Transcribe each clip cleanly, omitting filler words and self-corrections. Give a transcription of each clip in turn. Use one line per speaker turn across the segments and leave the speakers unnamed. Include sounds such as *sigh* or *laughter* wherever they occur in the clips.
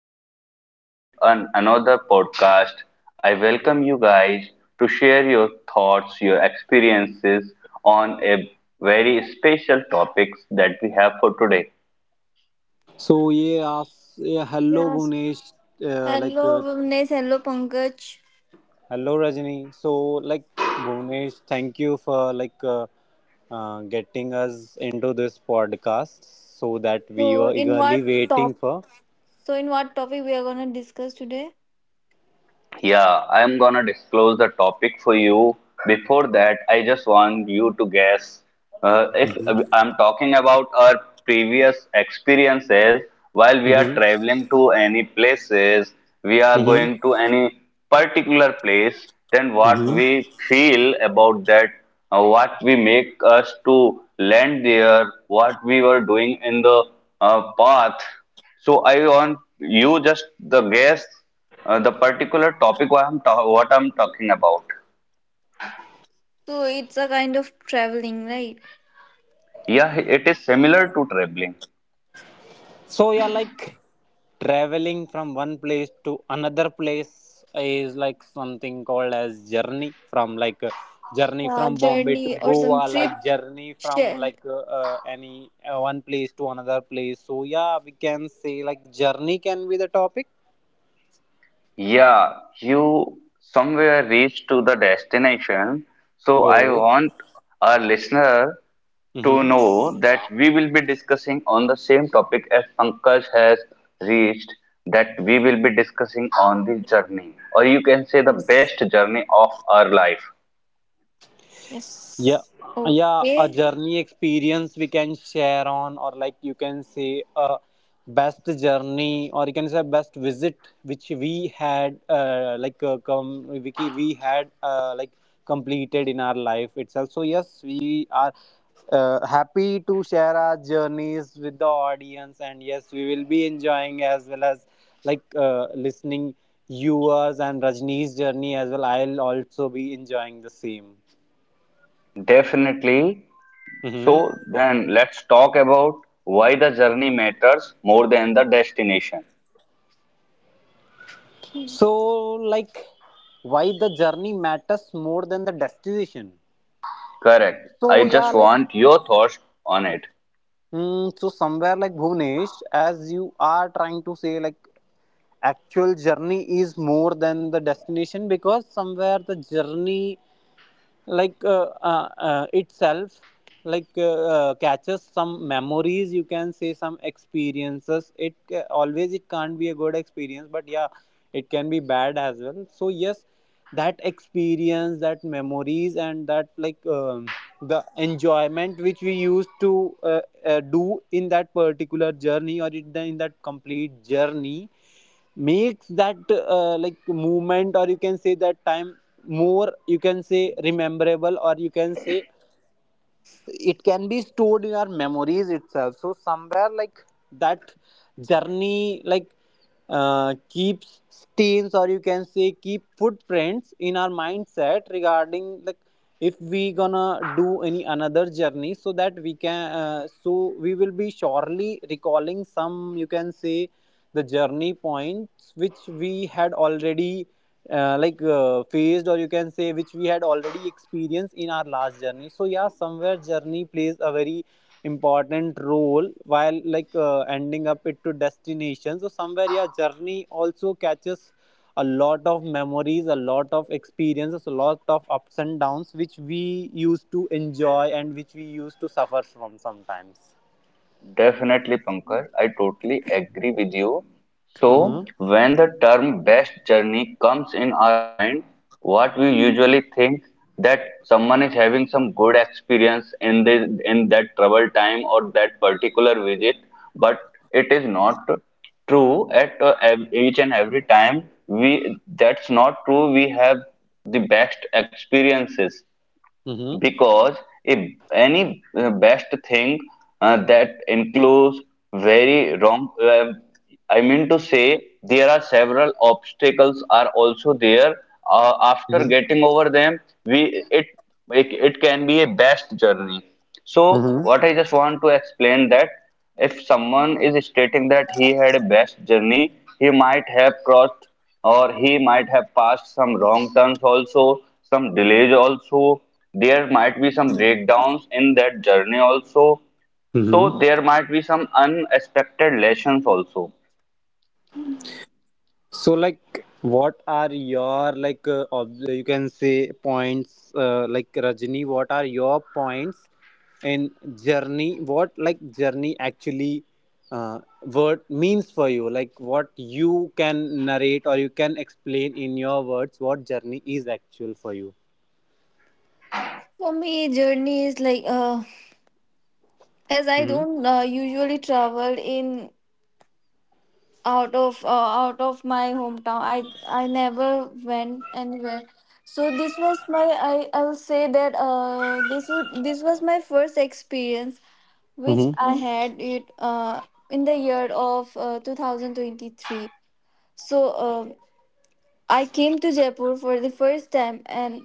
welcome back with another podcast. I welcome you guys to share your thoughts, your experiences on a very special topics that we have for today.
Yeah, hello
Yes.
Bhunesh, uh, like
Hello,
uh,
Bhuvnesh. Hello, Pankaj.
hello Rajni. So like Bhunesh, thank you for getting us into this podcast that we
So,
were
in
eagerly
what top?
waiting for.
So, in what topic we are gonna discuss today?
Yeah, I'm gonna disclose the topic for you. Before that, I just want you to guess if
Mm-hmm.
I'm talking about our previous experiences while we are
Mm-hmm.
traveling to any places, we are going to any particular place, then what
Mm-hmm.
we feel about that, what we make us to land there, what we were doing in the path. So I want you just the guess the particular topic what what I'm talking about.
So, it's a kind of traveling, right?
Yeah, it is similar to traveling.
So yeah, like traveling from one place to another place is like something called as journey from journey from Bombay to
Journey or
Goa,
some
like
trip.
journey from
Share.
any one place to another place. So yeah, we can say like journey can be the topic.
Yeah, you somewhere reach to the destination. So I
Oh.
want our listener to
Mm-hmm.
Yes.
know that we will be discussing on the same topic as Pankaj has reached, that we will be discussing on the journey, or you can say the
Yes.
best journey of our life.
Yes.
Yeah, yeah, a
Okay.
journey experience we can share on, or like you can say a best journey, or you can say best visit which we had we had like completed in our life itself. So yes, we are happy to share our journeys with the audience, and yes, we will be enjoying as well as listening yours and Rajni's journey as well. I'll also be enjoying the same.
Definitely.
Mm-hmm.
So then let's talk about why the journey matters more than the destination.
Okay.
So, like, why the journey matters more than the destination?
Correct. I
So, yeah,
just
like,
want your thoughts on it.
so somewhere like Bhunesh, as you are trying to say, like, actual journey is more than the destination, because somewhere the journey itself catches some memories, you can say some experiences. It always it can't be a good experience, but yeah, it can be bad as well. So yes, that experience, that memories, and that the enjoyment which we used to do in that particular journey, or in, the, in that complete journey, makes that like movement, or you can say that time more, you can say rememberable, or you can say it can be stored in our memories itself. So somewhere like that journey keeps stains, or you can say keep footprints in our mindset, regarding like if we gonna do any another journey, so that we can so we will be surely recalling some, you can say the journey points which we had already faced, or you can say which we had already experienced in our last journey. So yeah, somewhere journey plays a very important role while ending up it to destination. So somewhere yeah, journey also catches a lot of memories, a lot of experiences, a lot of ups and downs which we used to enjoy and which we used to suffer from sometimes.
Definitely, Pankaj, I totally agree with you. So,
Mm-hmm.
when the term best journey comes in our mind, what we usually think that someone is having some good experience in this in that travel time or that particular visit, but it is not true at each and every time. We that's not true. We have the best experiences
Mm-hmm.
because if any best thing that includes very wrong I mean to say there are several obstacles are also there after getting over them we it, it it can be a best journey. So
Mm-hmm.
what I just want to explain that if someone is stating that he had a best journey, he might have crossed or he might have passed some wrong turns also, some delays also. There might be some breakdowns in that journey also.
Mm-hmm.
So there might be some unexpected lessons also.
So, like, what are your you can say points like Rajni? What are your points in journey? What like journey actually word means for you? Like, what you can narrate or you can explain in your words what journey is actual for you?
For me, journey is like, as I
Mm-hmm.
don't usually travel in out of out of my hometown. I never went anywhere, so this was my, I'll say that, this was my first experience which I had it in the year of 2023. So I came to Jaipur for the first time, and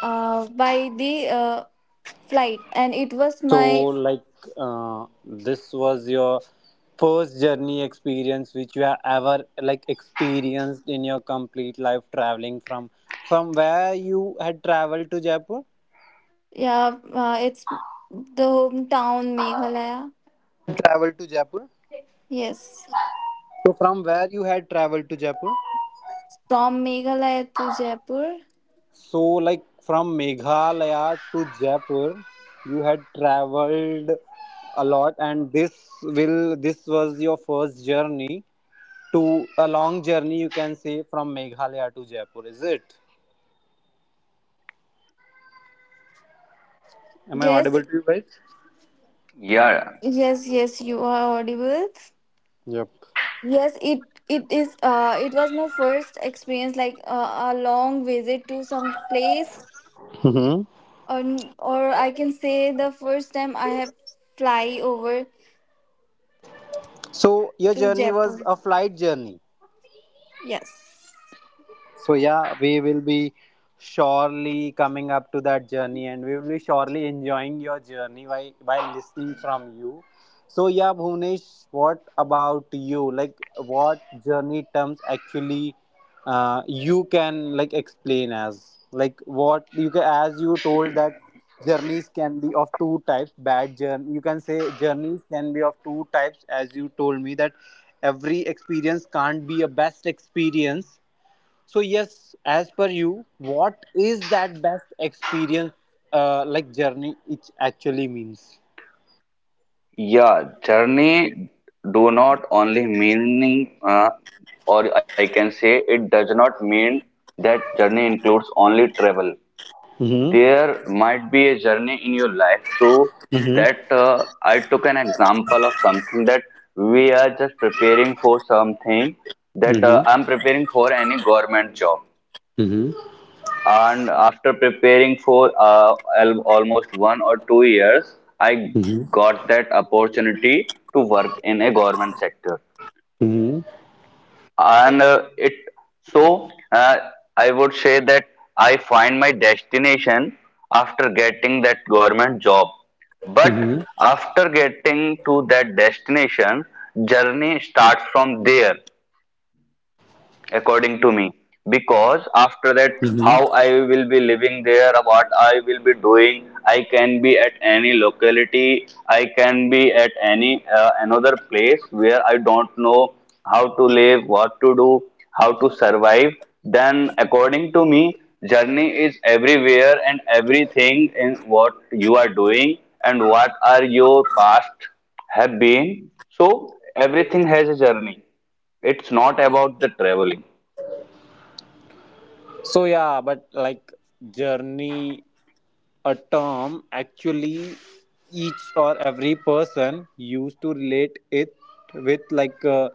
by the flight. And it was
So,
my,
like, this was your first journey experience which you have ever like experienced in your complete life, traveling from where you had traveled to Jaipur.
yeah, it's the hometown, Meghalaya.
Travel to Jaipur.
Yes.
So from where you had traveled to Jaipur?
From Meghalaya to Jaipur.
So like from Meghalaya to Jaipur, you had traveled a lot, and this was your first journey to a long journey you can say, from Meghalaya to Jaipur. Is it? Am I
Yes,
audible to you guys?
Yeah,
yes, yes, you are audible.
Yep.
Yes, it was my first experience, like, a long visit to some place,
hmm
or or I can say the first time I have fly over
So your
to
journey
Jaipur.
was a flight journey.
Yes.
So yeah, we will be surely coming up to that journey, and we will be surely enjoying your journey by listening from you. So yeah, Bhunesh, what about you? Like, what journey terms actually you can like explain, as like what you can, as you told that journeys can be of two types, bad journey you can say, journeys can be of two types as you told me, that every experience can't be a best experience. So yes, as per you, what is that best experience, like journey, it actually means?
yeah. Journey do not only meaning, or I can say it does not mean that journey includes only travel.
Mm-hmm.
There might be a journey in your life too
Mm-hmm.
that I took an example of something that we are just preparing for something that
Mm-hmm.
I'm preparing for any government job.
Mm-hmm.
And after preparing for almost 1 or 2 years, I got that opportunity to work in a government sector.
Mm-hmm. Mm-hmm.
And it so I would say that I find my destination after getting that government job. But after getting to that destination, journey starts from there according to me, because after that how
Mm-hmm.
I will be living there, what I will be doing, I can be at any locality, I can be at any another place where I don't know how to live, what to do, how to survive. Then according to me, journey is everywhere and everything in what you are doing and what are your past have been. So everything has a journey. It's not about the traveling.
So yeah, but like journey, a term actually each or every person used to relate it with, like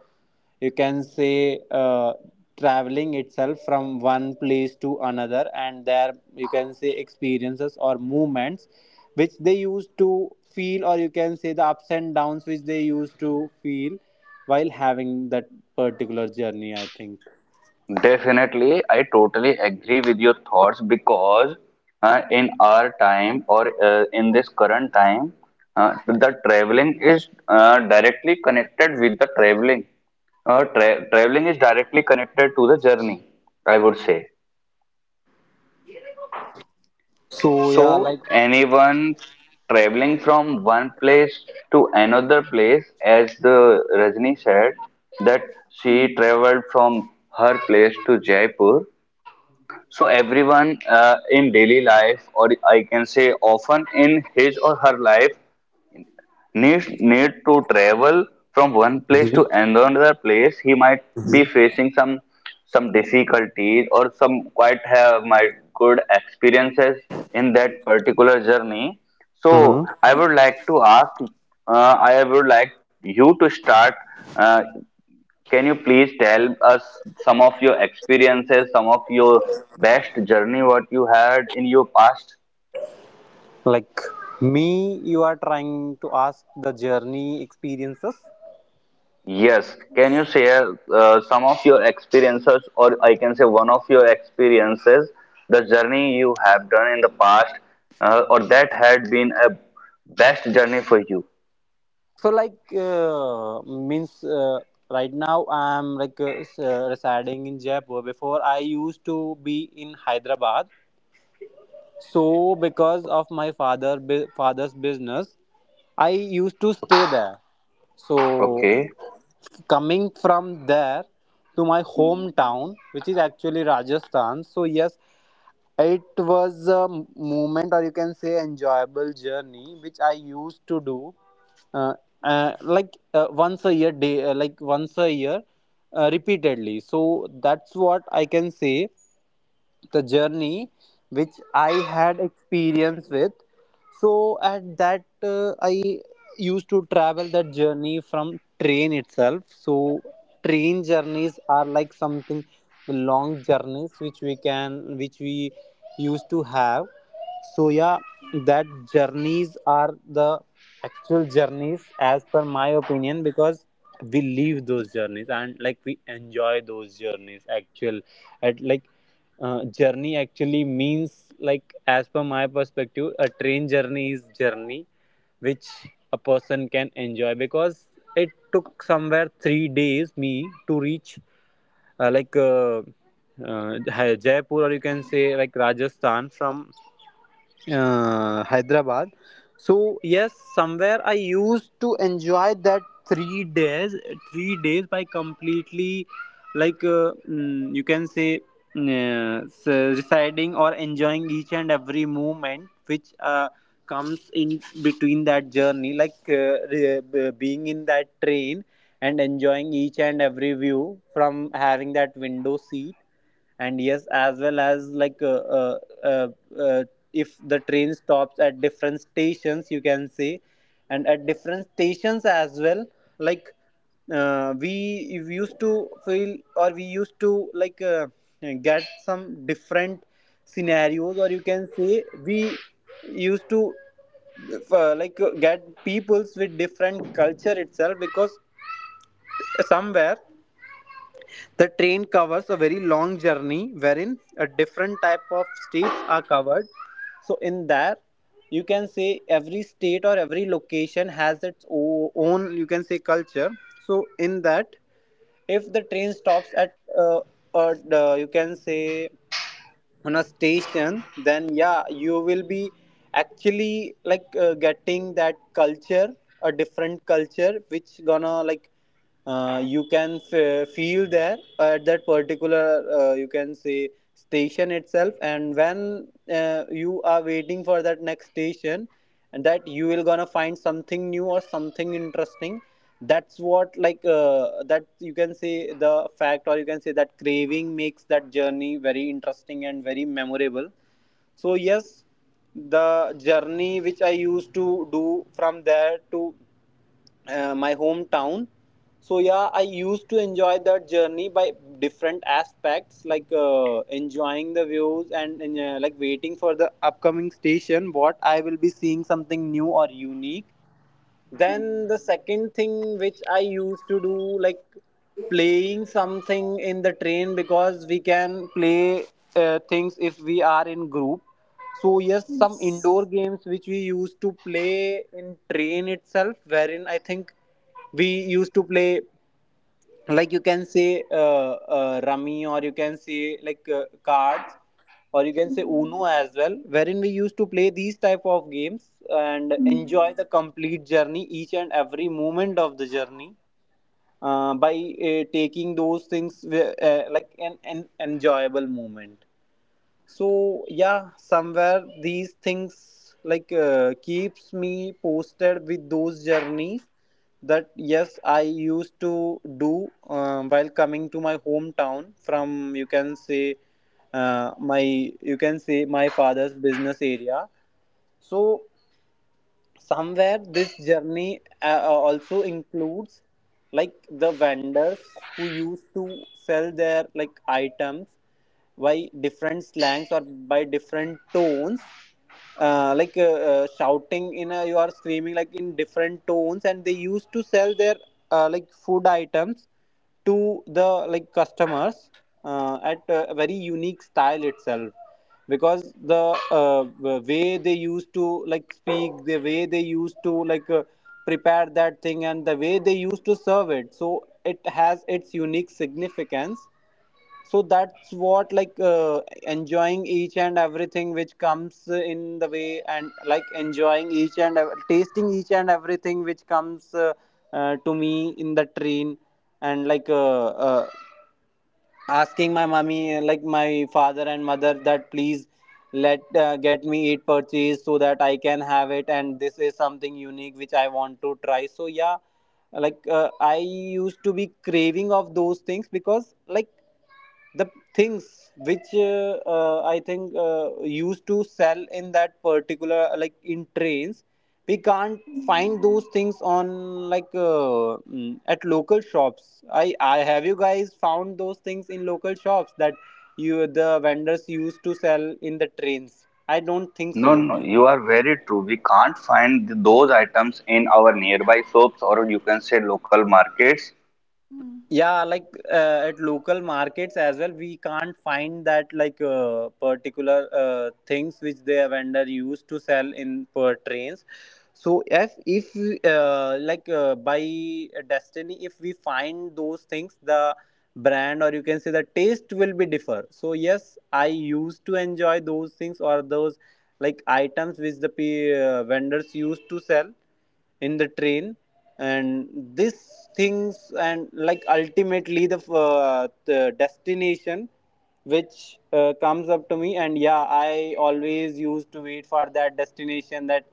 you can say traveling itself from one place to another, and there you can say experiences or movements which they used to feel, or you can say the ups and downs which they used to feel while having that particular journey. I think
Definitely, I totally agree with your thoughts because in our time or in this current time, the traveling is directly connected with the traveling. Traveling is directly connected to the journey, I would say.
so. Yeah, like
So, anyone traveling from one place to another place, as the Rajni said, that
Mm.
she traveled from her place to Jaipur. So everyone in daily life, or I can say often in his or her life, needs need to travel from one place to another place, he might be
Mhm.
facing some difficulties or some quite have my good experiences in that particular journey. So
Mhm.
I would like to ask, I would like you to start. Uh, can you please tell us some of your experiences, some of your best journey what you had in your past?
like me you are trying to ask the journey experiences.
Yes, can you share some of your experiences, or I can say one of your experiences, the journey you have done in the past, or that had been a best journey for you?
So like means right now I'm like residing in Jaipur. Before I used to be in Hyderabad, so because of my father father's business, I used to stay there. So
Okay.
coming from there to my hometown, which is actually Rajasthan. So yes, it was a moment, or you can say, enjoyable journey, which I used to do, uh, like once a year day, like once a year, repeatedly. So that's what I can say, the journey which I had experience with. So at that I used to travel that journey from train itself. So train journeys are like something long journeys which we can which we used to have. So yeah, that journeys are the actual journeys as per my opinion, because we leave those journeys and like we enjoy those journeys actual at like journey actually means, like as per my perspective, a train journey is journey which a person can enjoy, because it took somewhere 3 days me to reach like Jaipur, or you can say like Rajasthan from Hyderabad. So yes, somewhere I used to enjoy that 3 days, 3 days by completely, like you can say, mm, s- residing or enjoying each and every moment which comes in between that journey, like being in that train and enjoying each and every view from having that window seat, and yes as well as like uh, uh, if the train stops at different stations you can say, and at different stations as well, like we used to feel or we used to like get some different scenarios, or you can say we used to like get peoples with different culture itself, because somewhere the train covers a very long journey wherein a different type of states are covered. So in there, you can say every state or every location has its own, you can say culture. So in that, if the train stops at, uh, you can say on a station, then yeah, you will be actually like getting that culture, a different culture, which gonna like you can feel there at that particular you can say station itself. And when you are waiting for that next station, and that you will gonna find something new or something interesting, that's what like that you can say the fact, or you can say that craving makes that journey very interesting and very memorable. So yes, the journey which I used to do from there to my hometown, so yeah, I used to enjoy that journey by different aspects, like enjoying the views and, like waiting for the upcoming station, what I will be seeing, something new or unique. Then the second thing which I used to do, like playing something in the train, because we can play things if we are in group. So yes, some
Yes.
indoor games which we used to play in train itself, wherein I think we used to play like you can say rummy, or you can say like cards, or you can say
Mm.
uno as well, wherein we used to play these type of games and
Mm,
enjoy the complete journey, each and every moment of the journey by taking those things like an enjoyable moment. So yeah, somewhere these things like keeps me posted with those journeys, that yes I used to do while coming to my hometown from you can say my you can say my father's business area. So somewhere this journey also includes like the vendors who used to sell their like items by different slangs or by different tones, like shouting in a, you are screaming like in different tones, and they used to sell their like food items to the like customers at a very unique style itself, because the way they used to like speak, the way they used to like prepare that thing, and the way they used to serve it, so it has its unique significance. So that's what, like enjoying each and everything which comes in the way and like enjoying each and tasting each and everything which comes to me in the train, and like asking my mommy, like my father and mother, that please let get me it purchased, so that I can have it, and this is something unique which I want to try. So yeah, like I used to be craving of those things, because like the things which I think used to sell in that particular, like in trains, we can't find those things on like at local shops. I have you guys found those things in local shops that you the vendors used to sell in the trains? I don't think
No,
so.
no, you are very true. We can't find those items in our nearby shops, or you can say local markets.
mm.
Yeah, like at local markets as well, we can't find that like particular things which the vendor used to sell in per trains. So if like by destiny, if we find those things, the brand or you can say the taste will be differ. So yes, I used to enjoy those things or those like items which the vendors used to sell in the train, and these things, and like ultimately the destination which comes up to me. And yeah, I always used to wait for that destination, that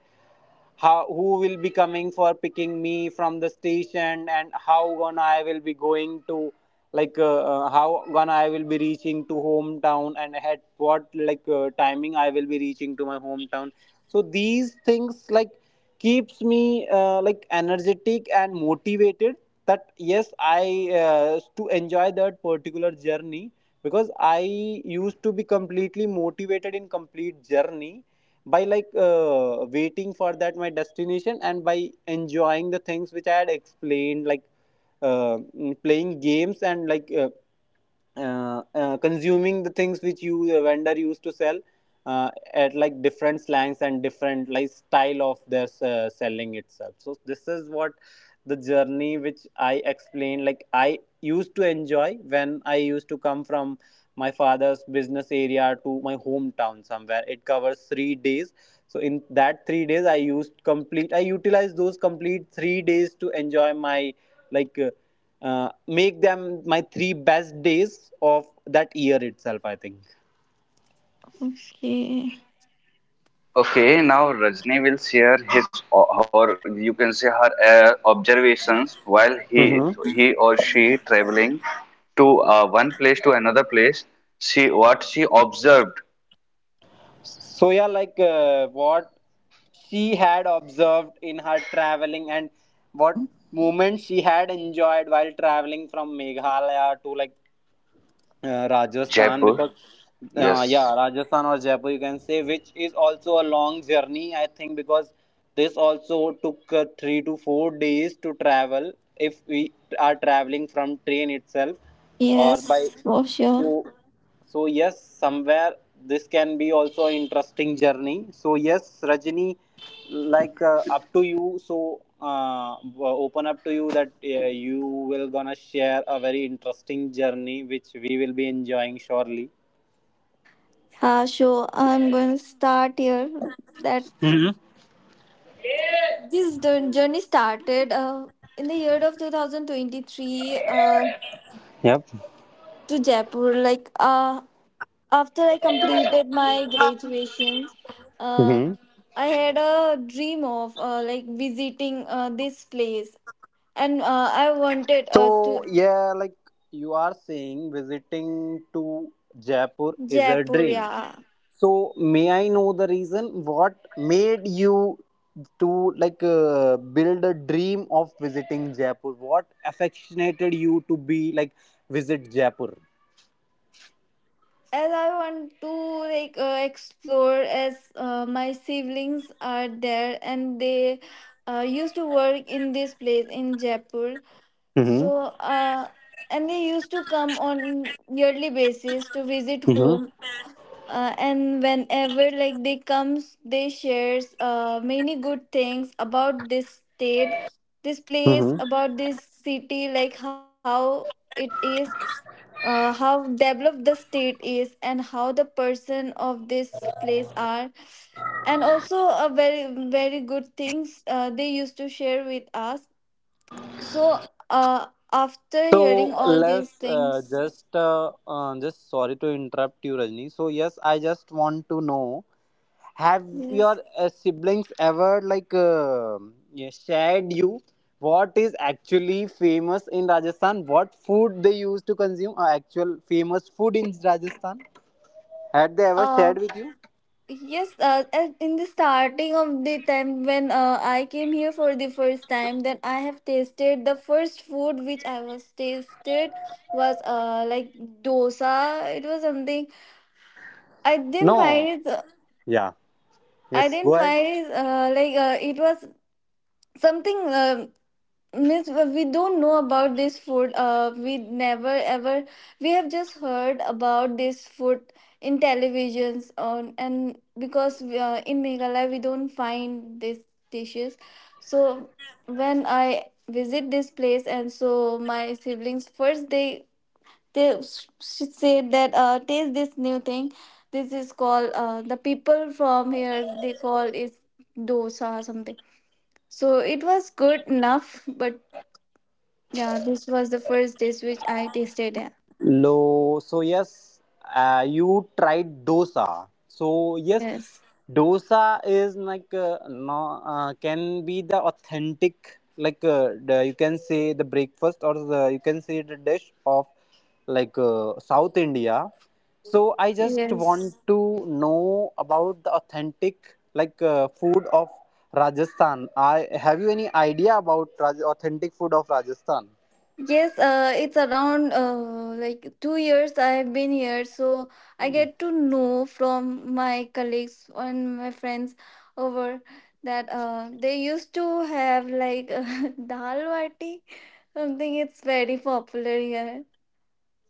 how, who will be coming for picking me from the station, and how gonna I will be going to like how gonna I will be reaching to hometown, and at what like timing I will be reaching to my hometown. So these things like keeps me like energetic and motivated, that yes I to enjoy that particular journey, because I used to be completely motivated in complete journey by like waiting for that my destination, and by enjoying the things which I had explained, like playing games and like consuming the things which you the vendor used to sell at like different slangs and different like style of their selling itself. So this is what the journey which I explained, like I used to enjoy when I used to come from my father's business area to my hometown. Somewhere it covers 3 days, so in that 3 days I used complete I utilized those complete 3 days to enjoy my, like make them my three best days of that year itself, I think.
Yeah.
Okay, now Rajni will share his or her, you can say her observations while he
Mm-hmm.
or she traveling to one place to another place. She what she observed
So yeah, like what she had observed in her traveling, and what moments she had enjoyed while traveling from Meghalaya to like Rajasthan, because
Jaipur.
yeah,
Yes.
Rajasthan or Jaipur you can say, which is also a long journey, I think, because this also took 3 to 4 days to travel if we are traveling from train itself or by.
Yes, for sure.
So so yes, somewhere this can be also an interesting journey. So yes, Rajni, like up to you. So open up to you, that you will gonna share a very interesting journey which we will be enjoying, surely.
So I'm going to start here. That
Hmm
This journey started in the year of 2023,
Yep.
to Jaipur. Like, after I completed my graduations, uh,
hmm
I had a dream of like visiting this place, and I wanted
so
to
yeah, like you are saying visiting to Jaipur is a
Jaipur.
dream.
Yeah,
So may I know the reason, what made you to build a dream of visiting Jaipur? What affectionated you to be like visit Jaipur?
as I want to, like, explore, as my siblings are there and they used to work in this place in Jaipur. So, and they used to come on yearly basis to visit
hmm
home. And whenever like they comes, they shares many good things about this state, this place,
hmm
about this city, like how it is, how developed the state is, and how the person of this place are. And also, a very very good things they used to share with us. So, uh, after
So
hearing all these
let's
things,
just sorry to interrupt you, Rajni. So yes, I just want to know: have your
yes,
siblings ever yeah, shared you what is actually famous in Rajasthan? What food they used to consume? Actual famous food in Rajasthan? Had they ever
uh,
shared with you?
yes, in the starting of the time when I came here for the first time, then I have tasted the first food which I was tasted was like dosa. It was something I didn't
No.
find it.
Yeah.
I
Yes. Go
didn't
ahead.
find it, like, it was something. Miss, we don't know about this food. We never ever we have just heard about this food in televisions on, and because in Meghalaya we don't find these dishes. So when I visit this place, and so my siblings first said that taste this new thing. This is called, the people from here they call is dosa or something. So it was good enough, but yeah, this was the first dish which I tasted. Yeah.
Lo, so yes, you tried dosa. So yes,
Yes.
dosa is no, can be the authentic the, you can say the breakfast, or the, you can say the dish of South India. So I just want
Yes.
to know about the authentic food of Rajasthan. I have you any idea about Raj- authentic food of Rajasthan?
Yes, it's around like 2 years I have been here, so I get to know from my colleagues and my friends over that they used to have like *laughs* dal bati, something it's very popular here,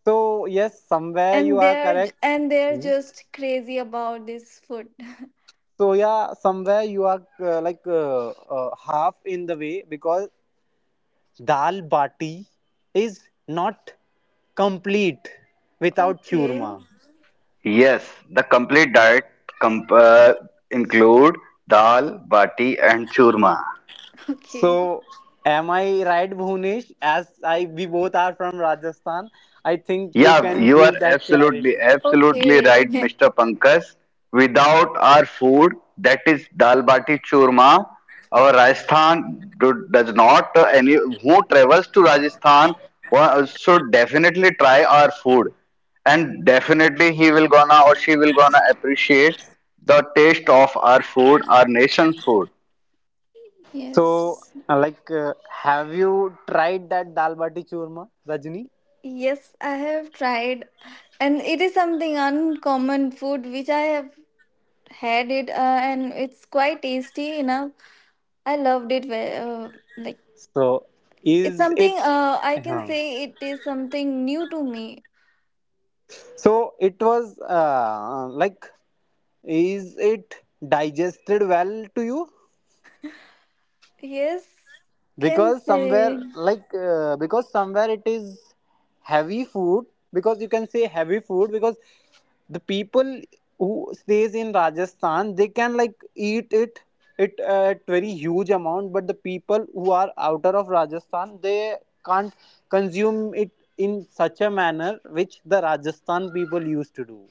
So yes, somewhere you
and
are
they're
correct.
and they're
Hmm?
just crazy about this food. *laughs*
So yeah, somewhere you are half in the way, because dal bati is not complete without
Okay,
churma.
Yes, the complete diet comp- uh, include dal, bati, and churma.
okay,
So am I right, Bhunesh? As I we both are from Rajasthan, I think you
Yeah,
can
you are
give that
absolutely,
clarity.
absolutely
okay.
right, Mr. Pankaj. Without our food, that is dal bati churma, our Rajasthan does not, any who travels to Rajasthan should definitely try our food. And definitely he will gonna or she will gonna appreciate the taste of our food, our nation's food.
*laughs*
So
Yes.
uh, like, uh, have you tried that dal bati churma, Rajni?
Yes, I have tried, and it is something uncommon food which I have had it, and it's quite tasty enough. I loved it. Like,
So
it's
is
something,
it?
I can
Huh.
say it is something new to me.
So it was like, is it digested well to you?
Yes, can
Because
say
somewhere like because somewhere it is heavy food, because you can say heavy food, because the people who stays in Rajasthan they can like eat it at very huge amount, but the people who are outer of Rajasthan they can't consume it in such a manner which the Rajasthan people used to do.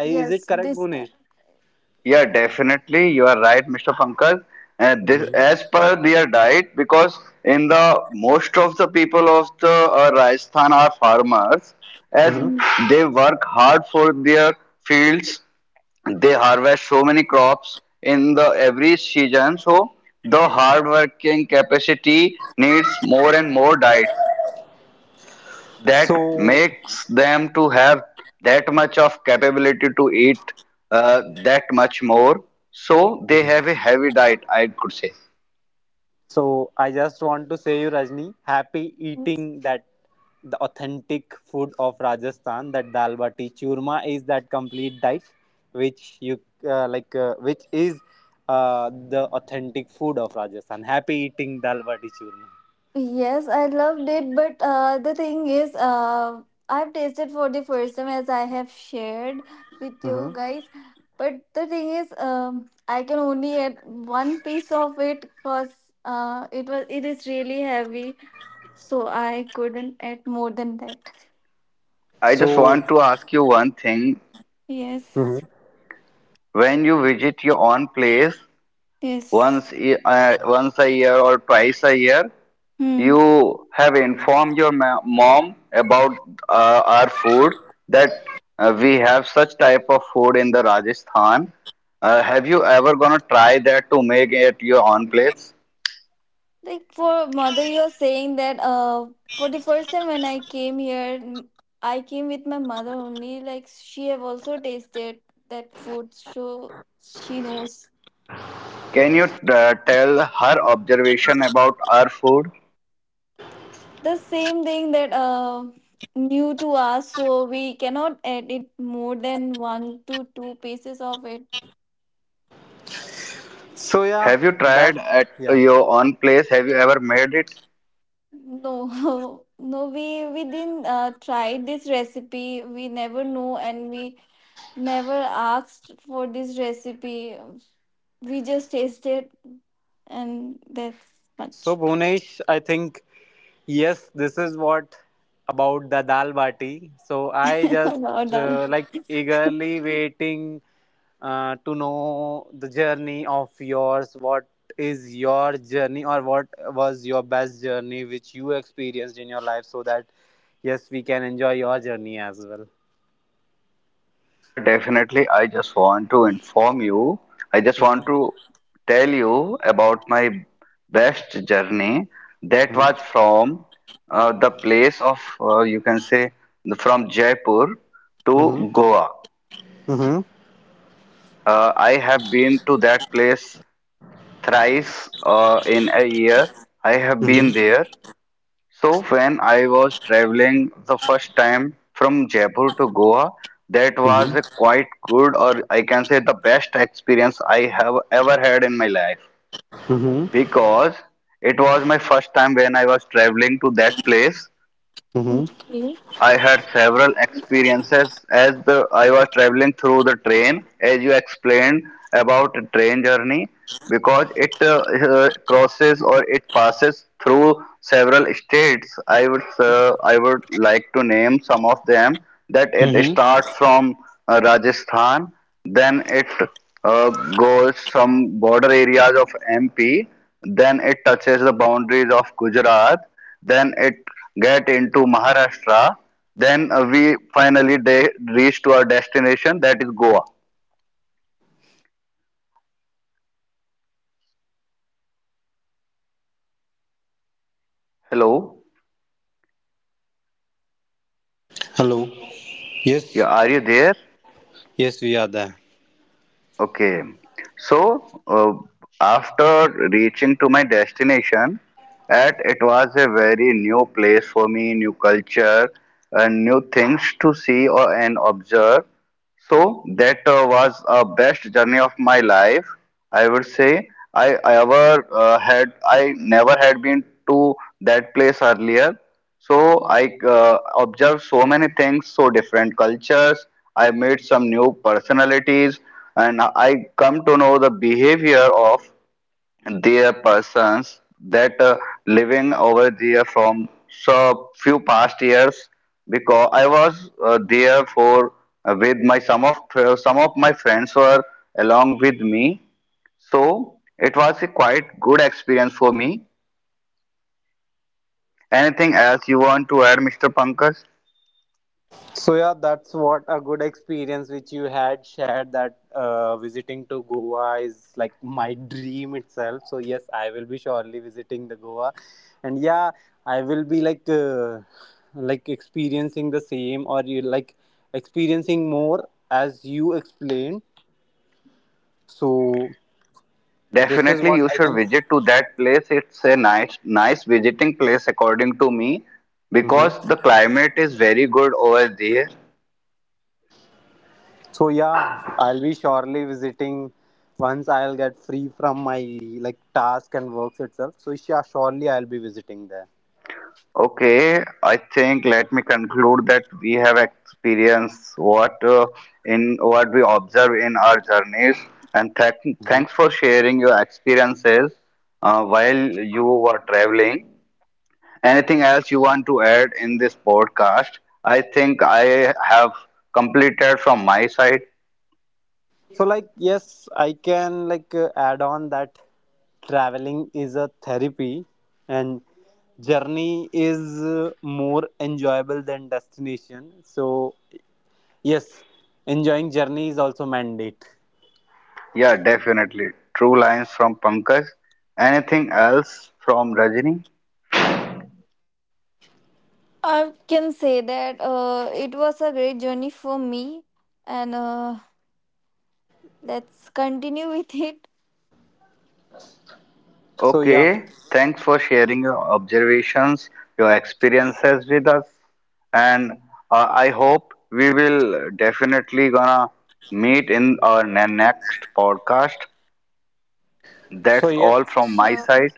Is it
yes.
correct,
This
Gunesh?
Yeah, definitely. You are right, Mr. Pankaj. This,
Mhm.
as per their diet, because in the most of the people of the Rajasthan are farmers, as
hmm
mm,
they work hard for their fields, they harvest so many crops in the every season. So the hard working capacity needs more and more diet that
so
makes them to have that much of capability to eat that much more. So they have a heavy diet, I could say.
So I just want to say you, Rajni, happy
yes.
eating that the authentic food of Rajasthan. That dal bati churma is that complete diet, which you which is the authentic food of Rajasthan. Happy eating dal bati churma.
Yes, I loved it, but the thing is, I've tasted for the first time as I have shared with you
Hmm.
guys. But the thing is, I can only add one piece of it because it is really heavy, so I couldn't add more than that.
I just
So,
want to ask you one thing,
Yes,
mhm.
when you visit your own place
yes.
once once a year or twice a year,
Hmm.
you have informed your mom about our food that we have such type of food in the Rajasthan. Have you ever gonna try that to make it your own place?
Like for mother, you're saying that for the first time when I came here, I came with my mother only. Like she have also tasted that food, so she knows
Can you tell her observation about our food?
the same thing that new to us. So we cannot add it more than one to two pieces of it.
So yeah,
Have you tried
that
at
yeah.
your own place? Have you ever made it?
No, *laughs* no, we didn't try this recipe. We never know, and we never asked for this recipe, we just tasted and that's
So
much
Bhunesh, I think yes, this is what about the dal bati. So I
*laughs*
just
about our dal.
like eagerly waiting to know the journey of yours. What is your journey, or what was your best journey which you experienced in your life, so that yes we can enjoy your journey as well.
Yeah, definitely. I just want to inform you. I just
Mm-hmm.
want to tell you about my best journey that was
Mm-hmm.
from the place of, you can say, from Jaipur to
Mm-hmm.
Goa.
Mm-hmm.
I have been to that place thrice in a year. I have been
Mm-hmm.
there. So when I was traveling the first time from Jaipur to Goa, that was a quite good, or I can say the best experience I have ever had in my life,
Mm-hmm.
because it was my first time when I was traveling to that place.
Mm-hmm.
Okay,
I had several experiences as the I was traveling through the train, as you explained about train journey, because it crosses or it passes through several states. I would like to name some of them. That it
Mm-hmm.
starts from Rajasthan, then it uh, goes some border areas of MP, then it touches the boundaries of Gujarat, then it get into Maharashtra, then we finally reach to our destination that is Goa. Hello,
Hello.
yeah,
Yes,
are you there?
yes, we are there.
Okay. So, after reaching to my destination, at it was a very new place for me, new culture, and new things to see or and observe. So that was a best journey of my life. I would say I ever had I never had been to that place earlier. So I observed so many things, so different cultures. I met some new personalities, and I come to know the behavior of their persons that living over there from so few past years. Because I was there for with my some of my friends were along with me, so it was a quite good experience for me. Anything else you want to add, Mr. Pankaj?
So yeah, that's what a good experience which you had shared, that visiting to Goa is like my dream itself. So yes, I will be surely visiting the Goa, and yeah, I will be like experiencing the same, or you like experiencing more as you explained. So this is
Definitely,
what
you
I
should
can.
visit to that place. It's a nice, nice visiting place, according to me, because the climate is very good over there.
So yeah, I'll be surely visiting once I'll get free from my like task and works itself. So yeah, surely I'll be visiting there.
Okay, I think let me conclude that we have experienced what in what we observe in our journeys, and
Mhm.
thanks for sharing your experiences while you were traveling. Anything else you want to add in this podcast? I think I have completed from my side.
So like yes, I can add on that traveling is a therapy and journey is more enjoyable than destination. So yes, enjoying journey is also mandate.
Yeah, definitely. True lines from Pankaj. Anything else from Rajini?
I can say that it was a great journey for me, and let's continue with it.
So yeah.
Okay, thanks for sharing your observations, your experiences with us, and I hope we will definitely gonna meet in our next podcast.
So
That's
yes.
all from my
Sure.
side.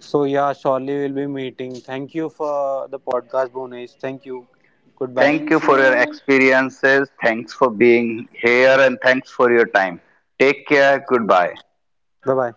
So yeah, surely we'll be meeting. Thank you for the podcast, Bhunesh. Thank you. Goodbye.
Thank you
Thank
for your
you.
experiences. Thanks for being here, and thanks for your time. Take care. Goodbye.
Bye bye.